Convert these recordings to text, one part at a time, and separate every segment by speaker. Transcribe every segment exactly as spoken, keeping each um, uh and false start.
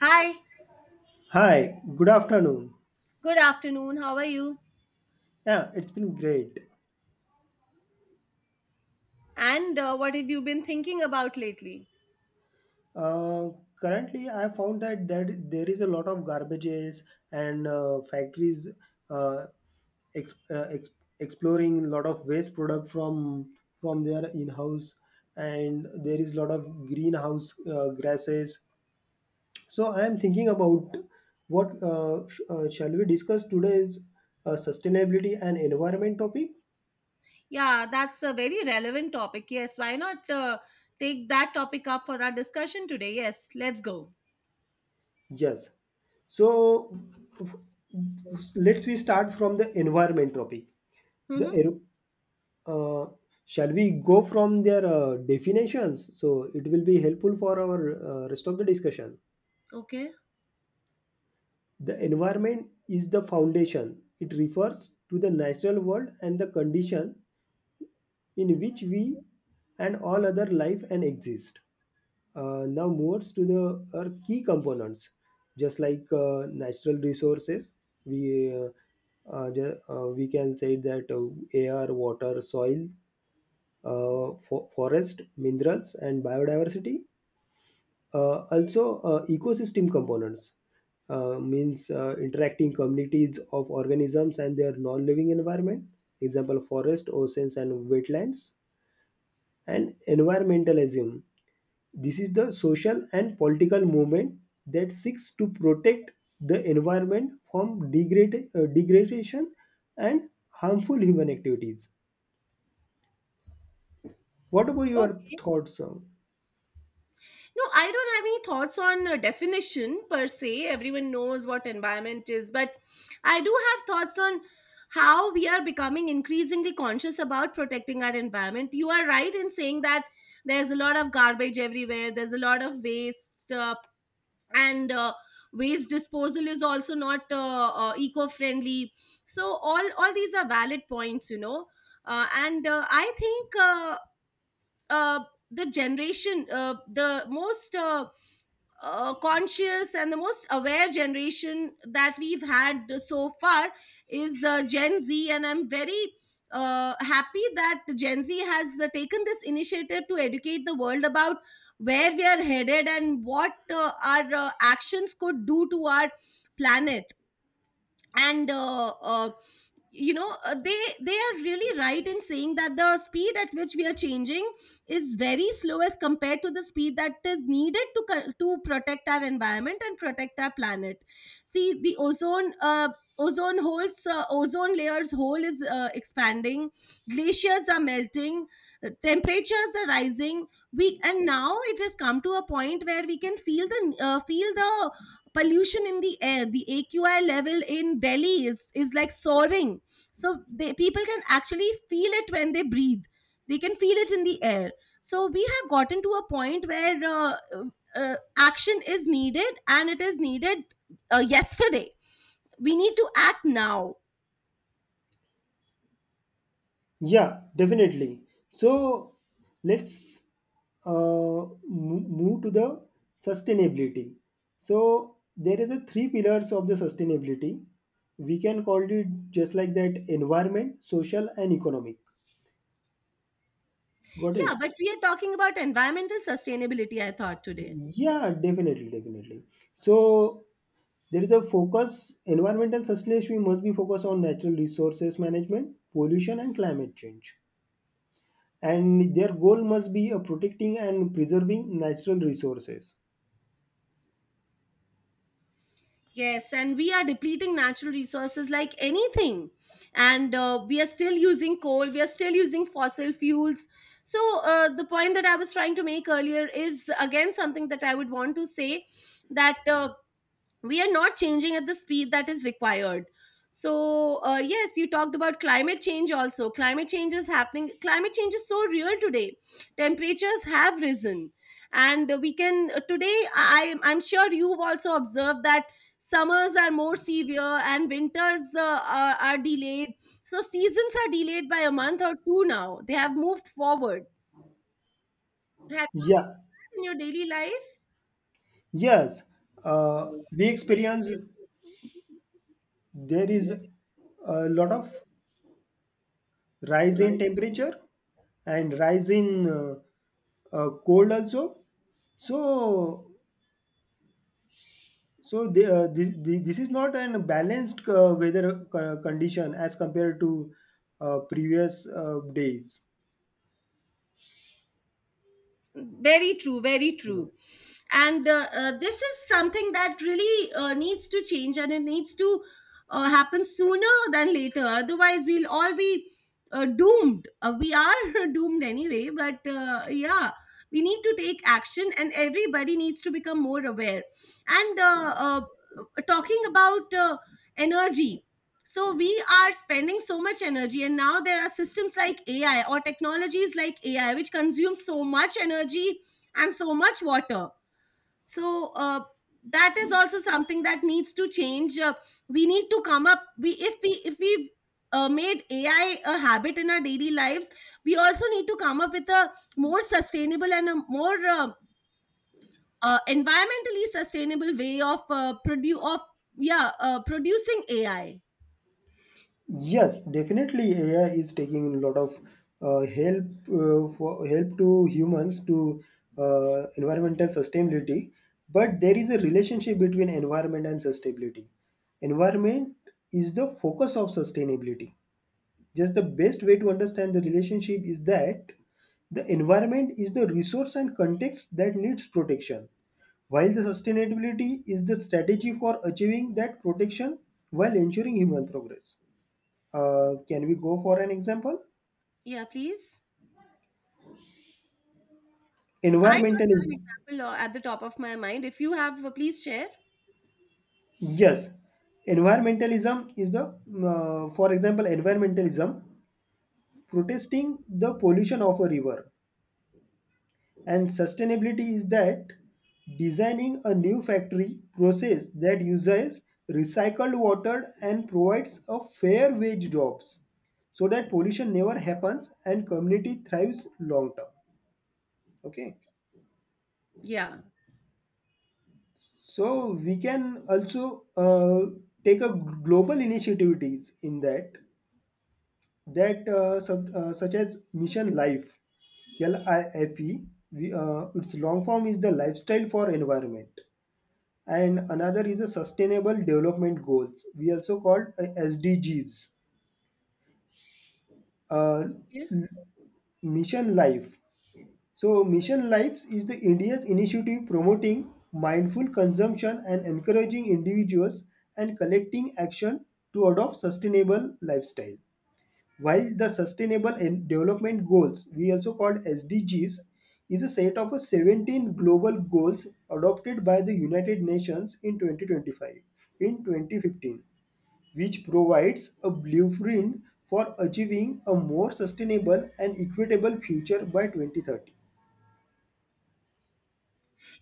Speaker 1: Hi,
Speaker 2: Hi, good afternoon.
Speaker 1: good afternoon. How are you?
Speaker 2: Yeah, it's been great.
Speaker 1: And uh, what have you been thinking about lately?
Speaker 2: Uh, currently, I found that there, there is a lot of garbages and uh, factories uh, ex- uh, ex- exploring a lot of waste product from from their in-house, and there is a lot of greenhouse uh, grasses. So I am thinking about what uh, sh- uh, shall we discuss today's uh, sustainability and environment topic.
Speaker 1: Yeah, that's a very relevant topic. Yes, why not uh, take that topic up for our discussion today? Yes, let's go.
Speaker 2: Yes. So f- let's we start from the environment topic. The
Speaker 1: Mm-hmm.
Speaker 2: aer- uh, Shall we go from their uh, definitions? So it will be helpful for our uh, rest of the discussion.
Speaker 1: Okay.
Speaker 2: The environment is the foundation. It refers to the natural world and the condition in which we and all other life and exist. Uh, now moves to the our key components just like uh, natural resources we uh, uh, ju- uh, we can say that uh, air water soil uh, fo- forest minerals and biodiversity uh, also uh, ecosystem components uh, means uh, interacting communities of organisms and their non-living environment example forest oceans and wetlands and environmentalism. This is the social and political movement that seeks to protect the environment from degrade, uh, degradation and harmful human activities. What about your
Speaker 1: Okay.
Speaker 2: thoughts? uh?
Speaker 1: No, I don't have any thoughts on uh, definition per se. Everyone knows what environment is, but I do have thoughts on how we are becoming increasingly conscious about protecting our environment. You are right in saying that there's a lot of garbage everywhere, there's a lot of waste, uh, and uh, waste disposal is also not uh, uh, eco-friendly. So all all these are valid points, you know. Uh, and uh, I think uh, uh, the generation, uh, the most uh, uh, conscious and the most aware generation that we've had so far is uh, Gen Z, and I'm very uh, happy that the Gen Z has uh, taken this initiative to educate the world about where we are headed and what uh, our uh, actions could do to our planet and uh, uh, you know uh, they they are really right in saying that the speed at which we are changing is very slow as compared to the speed that is needed to co- to protect our environment and protect our planet. See, the ozone uh, ozone holes, uh, ozone layer's hole is uh, expanding, glaciers are melting, uh, temperatures are rising. We and now it has come to a point where we can feel the uh, feel the pollution in the air. The A Q I level in Delhi is is like soaring, so they, people can actually feel it when they breathe. They can feel it in the air. So we have gotten to a point where uh, uh, action is needed, and it is needed uh, yesterday. We need to act now.
Speaker 2: Yeah, definitely. So let's uh, mo- move to the sustainability. So there is a three pillars of the sustainability. We can call it just like that: environment, social, and economic. Got
Speaker 1: Yeah,
Speaker 2: it?
Speaker 1: but we are talking about environmental sustainability, I thought, today.
Speaker 2: Yeah, definitely, definitely. So there is a focus, environmental sustainability must be focused on natural resources management, pollution and climate change. And their goal must be uh, protecting and preserving natural resources.
Speaker 1: Yes, and we are depleting natural resources like anything. And uh, we are still using coal, we are still using fossil fuels. So, uh, the point that I was trying to make earlier is again something that I would want to say that. Uh, We are not changing at the speed that is required. So uh, yes, you talked about climate change. Also climate change is happening, climate change is so real today. Temperatures have risen, and we can uh, today i i'm sure you've also observed that summers are more severe and winters uh, are, are delayed. So seasons are delayed by a month or two. Now they have moved forward. Have
Speaker 2: Yeah,
Speaker 1: you in your daily life?
Speaker 2: yes. Uh, we experience there is a lot of rise in temperature and rise in uh, uh, cold also. So So the, uh, this, the- this is not an balanced uh, weather co- condition as compared to uh, previous uh, days.
Speaker 1: Very true, very true. And uh, uh, this is something that really uh, needs to change, and it needs to uh, happen sooner than later. Otherwise we'll all be uh, doomed. uh, we are doomed anyway, but uh, yeah, we need to take action and everybody needs to become more aware. And uh, uh, talking about uh, energy, so we are spending so much energy, and now there are systems like A I, or technologies like A I, which consume so much energy and so much water. So uh, that is also something that needs to change. uh, we need to come up. We If we if we uh, made A I a habit in our daily lives, we also need to come up with a more sustainable and a more uh, uh, environmentally sustainable way of uh, produ- of yeah uh, producing A I.
Speaker 2: Yes, definitely A I is taking a lot of uh, help uh, for help to humans to uh, environmental sustainability, but there is a relationship between environment and sustainability. Environment is the focus of sustainability. Just the best way to understand the relationship is that the environment is the resource and context that needs protection, while the sustainability is the strategy for achieving that protection while ensuring human progress. Uh, can we go for an example?
Speaker 1: Yeah, please. I don't have an
Speaker 2: Environmentalism.
Speaker 1: example uh, at the top of my mind. If you have, uh, please share.
Speaker 2: Yes, environmentalism is the, uh, for example, environmentalism protesting the pollution of a river. And sustainability is that designing a new factory process that uses recycled water and provides a fair wage jobs so that pollution never happens and community thrives long term. Okay,
Speaker 1: Yeah.
Speaker 2: so we can also uh, take a global initiatives in that that uh, sub, uh, such as mission life. life we, uh, its long form is the lifestyle for environment, and another is a sustainable development goals, we also called uh, SDGs. uh,
Speaker 1: Okay.
Speaker 2: Mission life. So mission lives is the India's initiative promoting mindful consumption and encouraging individuals and collecting action to adopt sustainable lifestyle, while the sustainable en- development goals, we also called SDGs, is a set of a seventeen global goals adopted by the United Nations in twenty twenty-five in twenty fifteen, which provides a blueprint for achieving a more sustainable and equitable future by twenty thirty.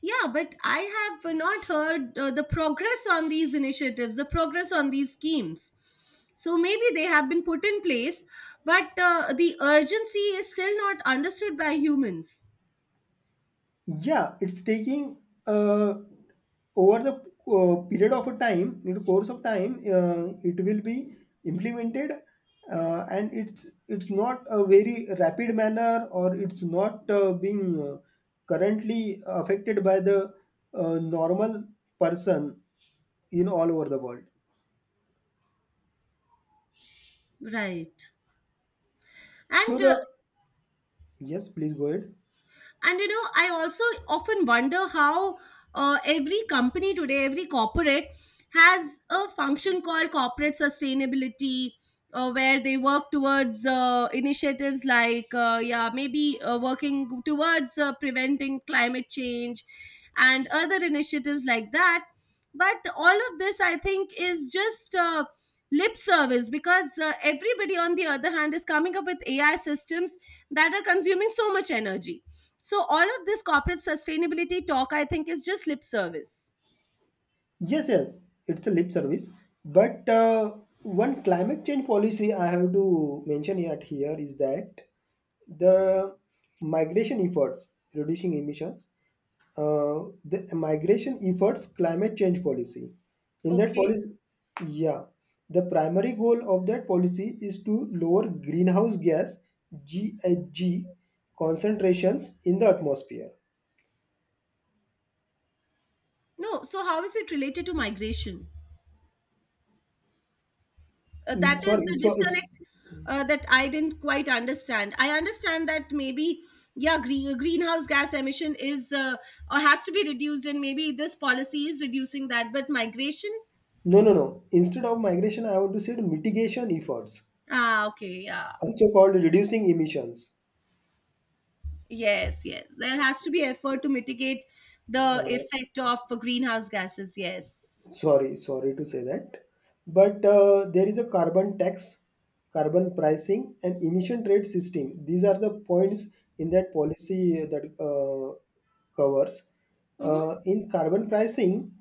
Speaker 1: Yeah, but I have uh, not heard uh, the progress on these initiatives, the progress on these schemes. So maybe they have been put in place, but uh, the urgency is still not understood by humans.
Speaker 2: Yeah, it's taking uh, over the uh, period of a time, in the course of time, uh, it will be implemented, uh, and it's it's not a very rapid manner, or it's not uh, being uh, currently affected by the uh, normal person in all over the world.
Speaker 1: Right.
Speaker 2: So
Speaker 1: And uh,
Speaker 2: the yes, please go ahead.
Speaker 1: And you know, I also often wonder how uh, every company today, every corporate has a function called corporate sustainability, uh, where they work towards uh, initiatives like, uh, yeah, maybe uh, working towards uh, preventing climate change and other initiatives like that. But all of this, I think, is just. Uh, lip service, because uh, everybody on the other hand is coming up with A I systems that are consuming so much energy. So all of this corporate sustainability talk, I think, is just lip service.
Speaker 2: Yes, yes, it's a lip service. But uh, one climate change policy I have to mention at here is that the migration efforts reducing emissions, uh, the migration efforts climate change policy. In that
Speaker 1: Okay.
Speaker 2: policy, yeah, the primary goal of that policy is to lower greenhouse gas G H G concentrations in the atmosphere.
Speaker 1: No. So how is it related to migration? Uh,
Speaker 2: Mm,
Speaker 1: that is
Speaker 2: Sorry,
Speaker 1: the
Speaker 2: so
Speaker 1: disconnect uh, that I didn't quite understand. I understand that maybe yeah, green, greenhouse gas emission is uh, or has to be reduced, and maybe this policy is reducing that. But migration,
Speaker 2: no, no, no. Instead of migration, I would to say mitigation efforts,
Speaker 1: ah, okay, yeah,
Speaker 2: also called reducing emissions.
Speaker 1: yes, yes, there has to be effort to mitigate the
Speaker 2: Uh,
Speaker 1: effect of greenhouse gases. Yes.
Speaker 2: Sorry, sorry to say that. But uh, there is a carbon tax, carbon pricing, and emission trade system. These are the points in that policy that uh, covers.
Speaker 1: Mm-hmm.
Speaker 2: Uh, in carbon pricing,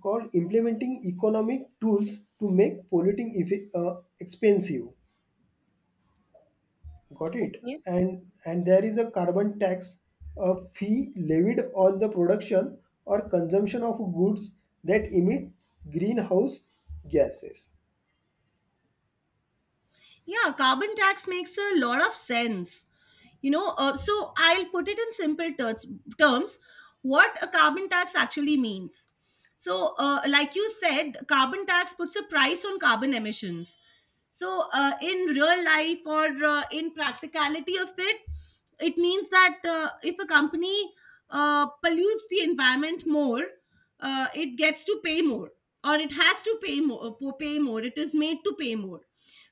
Speaker 2: called implementing economic tools to make polluting effi- uh, expensive. Got it. And and there is a carbon tax, a fee levied on the production or consumption of goods that emit greenhouse gases.
Speaker 1: Yeah, carbon tax makes a lot of sense. You know, uh, so I'll put it in simple terms. terms what a carbon tax actually means. So, uh, like you said, carbon tax puts a price on carbon emissions. So, uh, in real life or uh, in practicality of it, it means that uh, if a company uh, pollutes the environment more, uh, it gets to pay more, or it has to pay more pay more. It is made to pay more.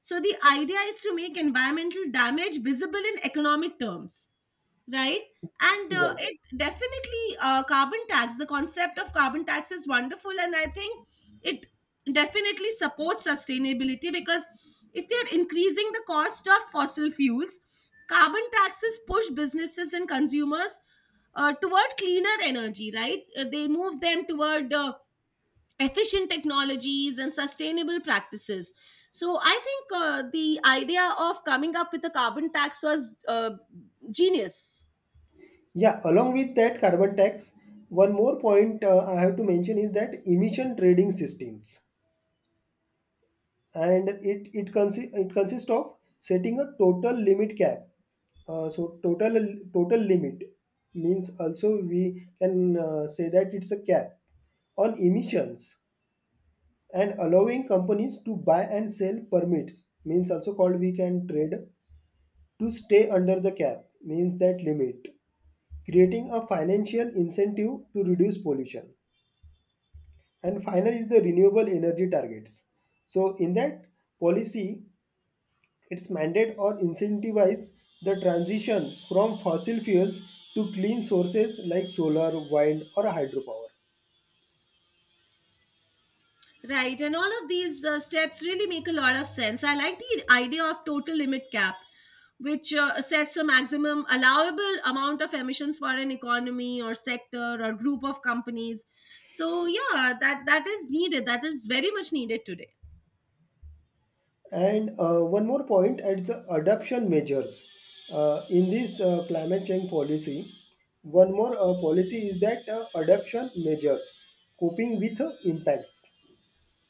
Speaker 1: So the idea is to make environmental damage visible in economic terms, right? And
Speaker 2: He's
Speaker 1: uh,
Speaker 2: right.
Speaker 1: it definitely uh, carbon tax, the concept of carbon tax is wonderful, and I think it definitely supports sustainability. Because if we are increasing the cost of fossil fuels, carbon taxes push businesses and consumers uh, toward cleaner energy, right? Uh, they move them toward uh, efficient technologies and sustainable practices. So I think uh, the idea of coming up with a carbon tax was uh, genius.
Speaker 2: Yeah, along with that carbon tax, one more point uh, I have to mention is that emission trading systems. And it it consi- it consists of setting a total limit cap, uh, so total total limit means also we can uh, say that it's a cap on emissions, and allowing companies to buy and sell permits means also called we can trade to stay under the cap means that limit, creating a financial incentive to reduce pollution. And final is the renewable energy targets. So in that policy, it's mandate or incentivize the transitions from fossil fuels to clean sources like solar, wind, or hydropower.
Speaker 1: Right, and all of these uh, steps really make a lot of sense. I like the idea of total limit cap, which uh, sets a maximum allowable amount of emissions for an economy or sector or group of companies. So yeah, that that is needed, that is very much needed today.
Speaker 2: And uh, one more point at the adoption measures. Uh, in this uh, climate change policy, one more uh, policy is that uh, adoption measures coping with uh, impacts.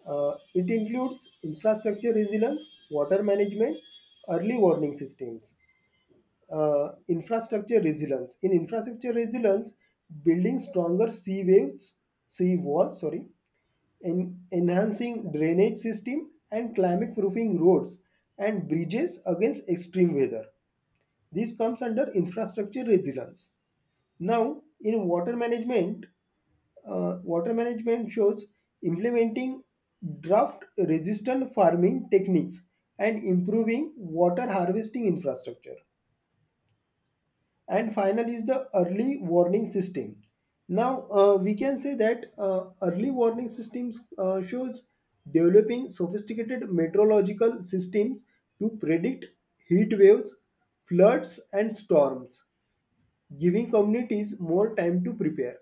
Speaker 2: Uh, it includes infrastructure resilience, water management, early warning systems, uh, infrastructure resilience. In infrastructure resilience, building stronger sea waves, sea walls, sorry, en- enhancing drainage system and climate proofing roads and bridges against extreme weather. This comes under infrastructure resilience. Now, in water management, uh, water management shows implementing drought resistant farming techniques and improving water harvesting infrastructure. And final is the early warning system. Now uh, we can say that uh, early warning systems uh, shows developing sophisticated meteorological systems to predict heat waves, floods and storms, giving communities more time to prepare.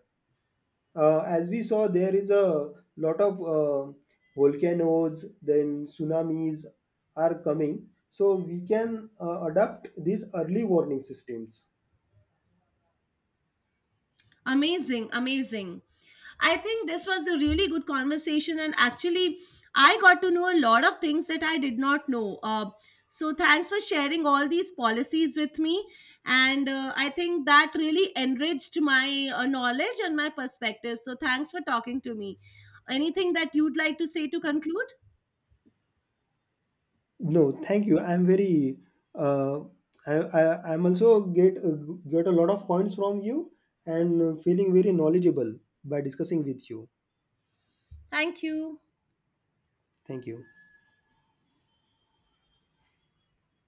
Speaker 2: Uh, as we saw there is a lot of uh, volcanoes, then tsunamis are coming, so we can uh, adapt these early warning systems.
Speaker 1: Amazing, amazing. I think this was a really good conversation, and actually, I got to know a lot of things that I did not know. Uh, so, thanks for sharing all these policies with me, and uh, I think that really enriched my uh, knowledge and my perspective. So, thanks for talking to me. Anything that you'd like to say to conclude?
Speaker 2: No, thank you. I'm very. Uh, I, I I'm also get uh, get a lot of points from you and feeling very knowledgeable by discussing with you.
Speaker 1: Thank you.
Speaker 2: Thank you.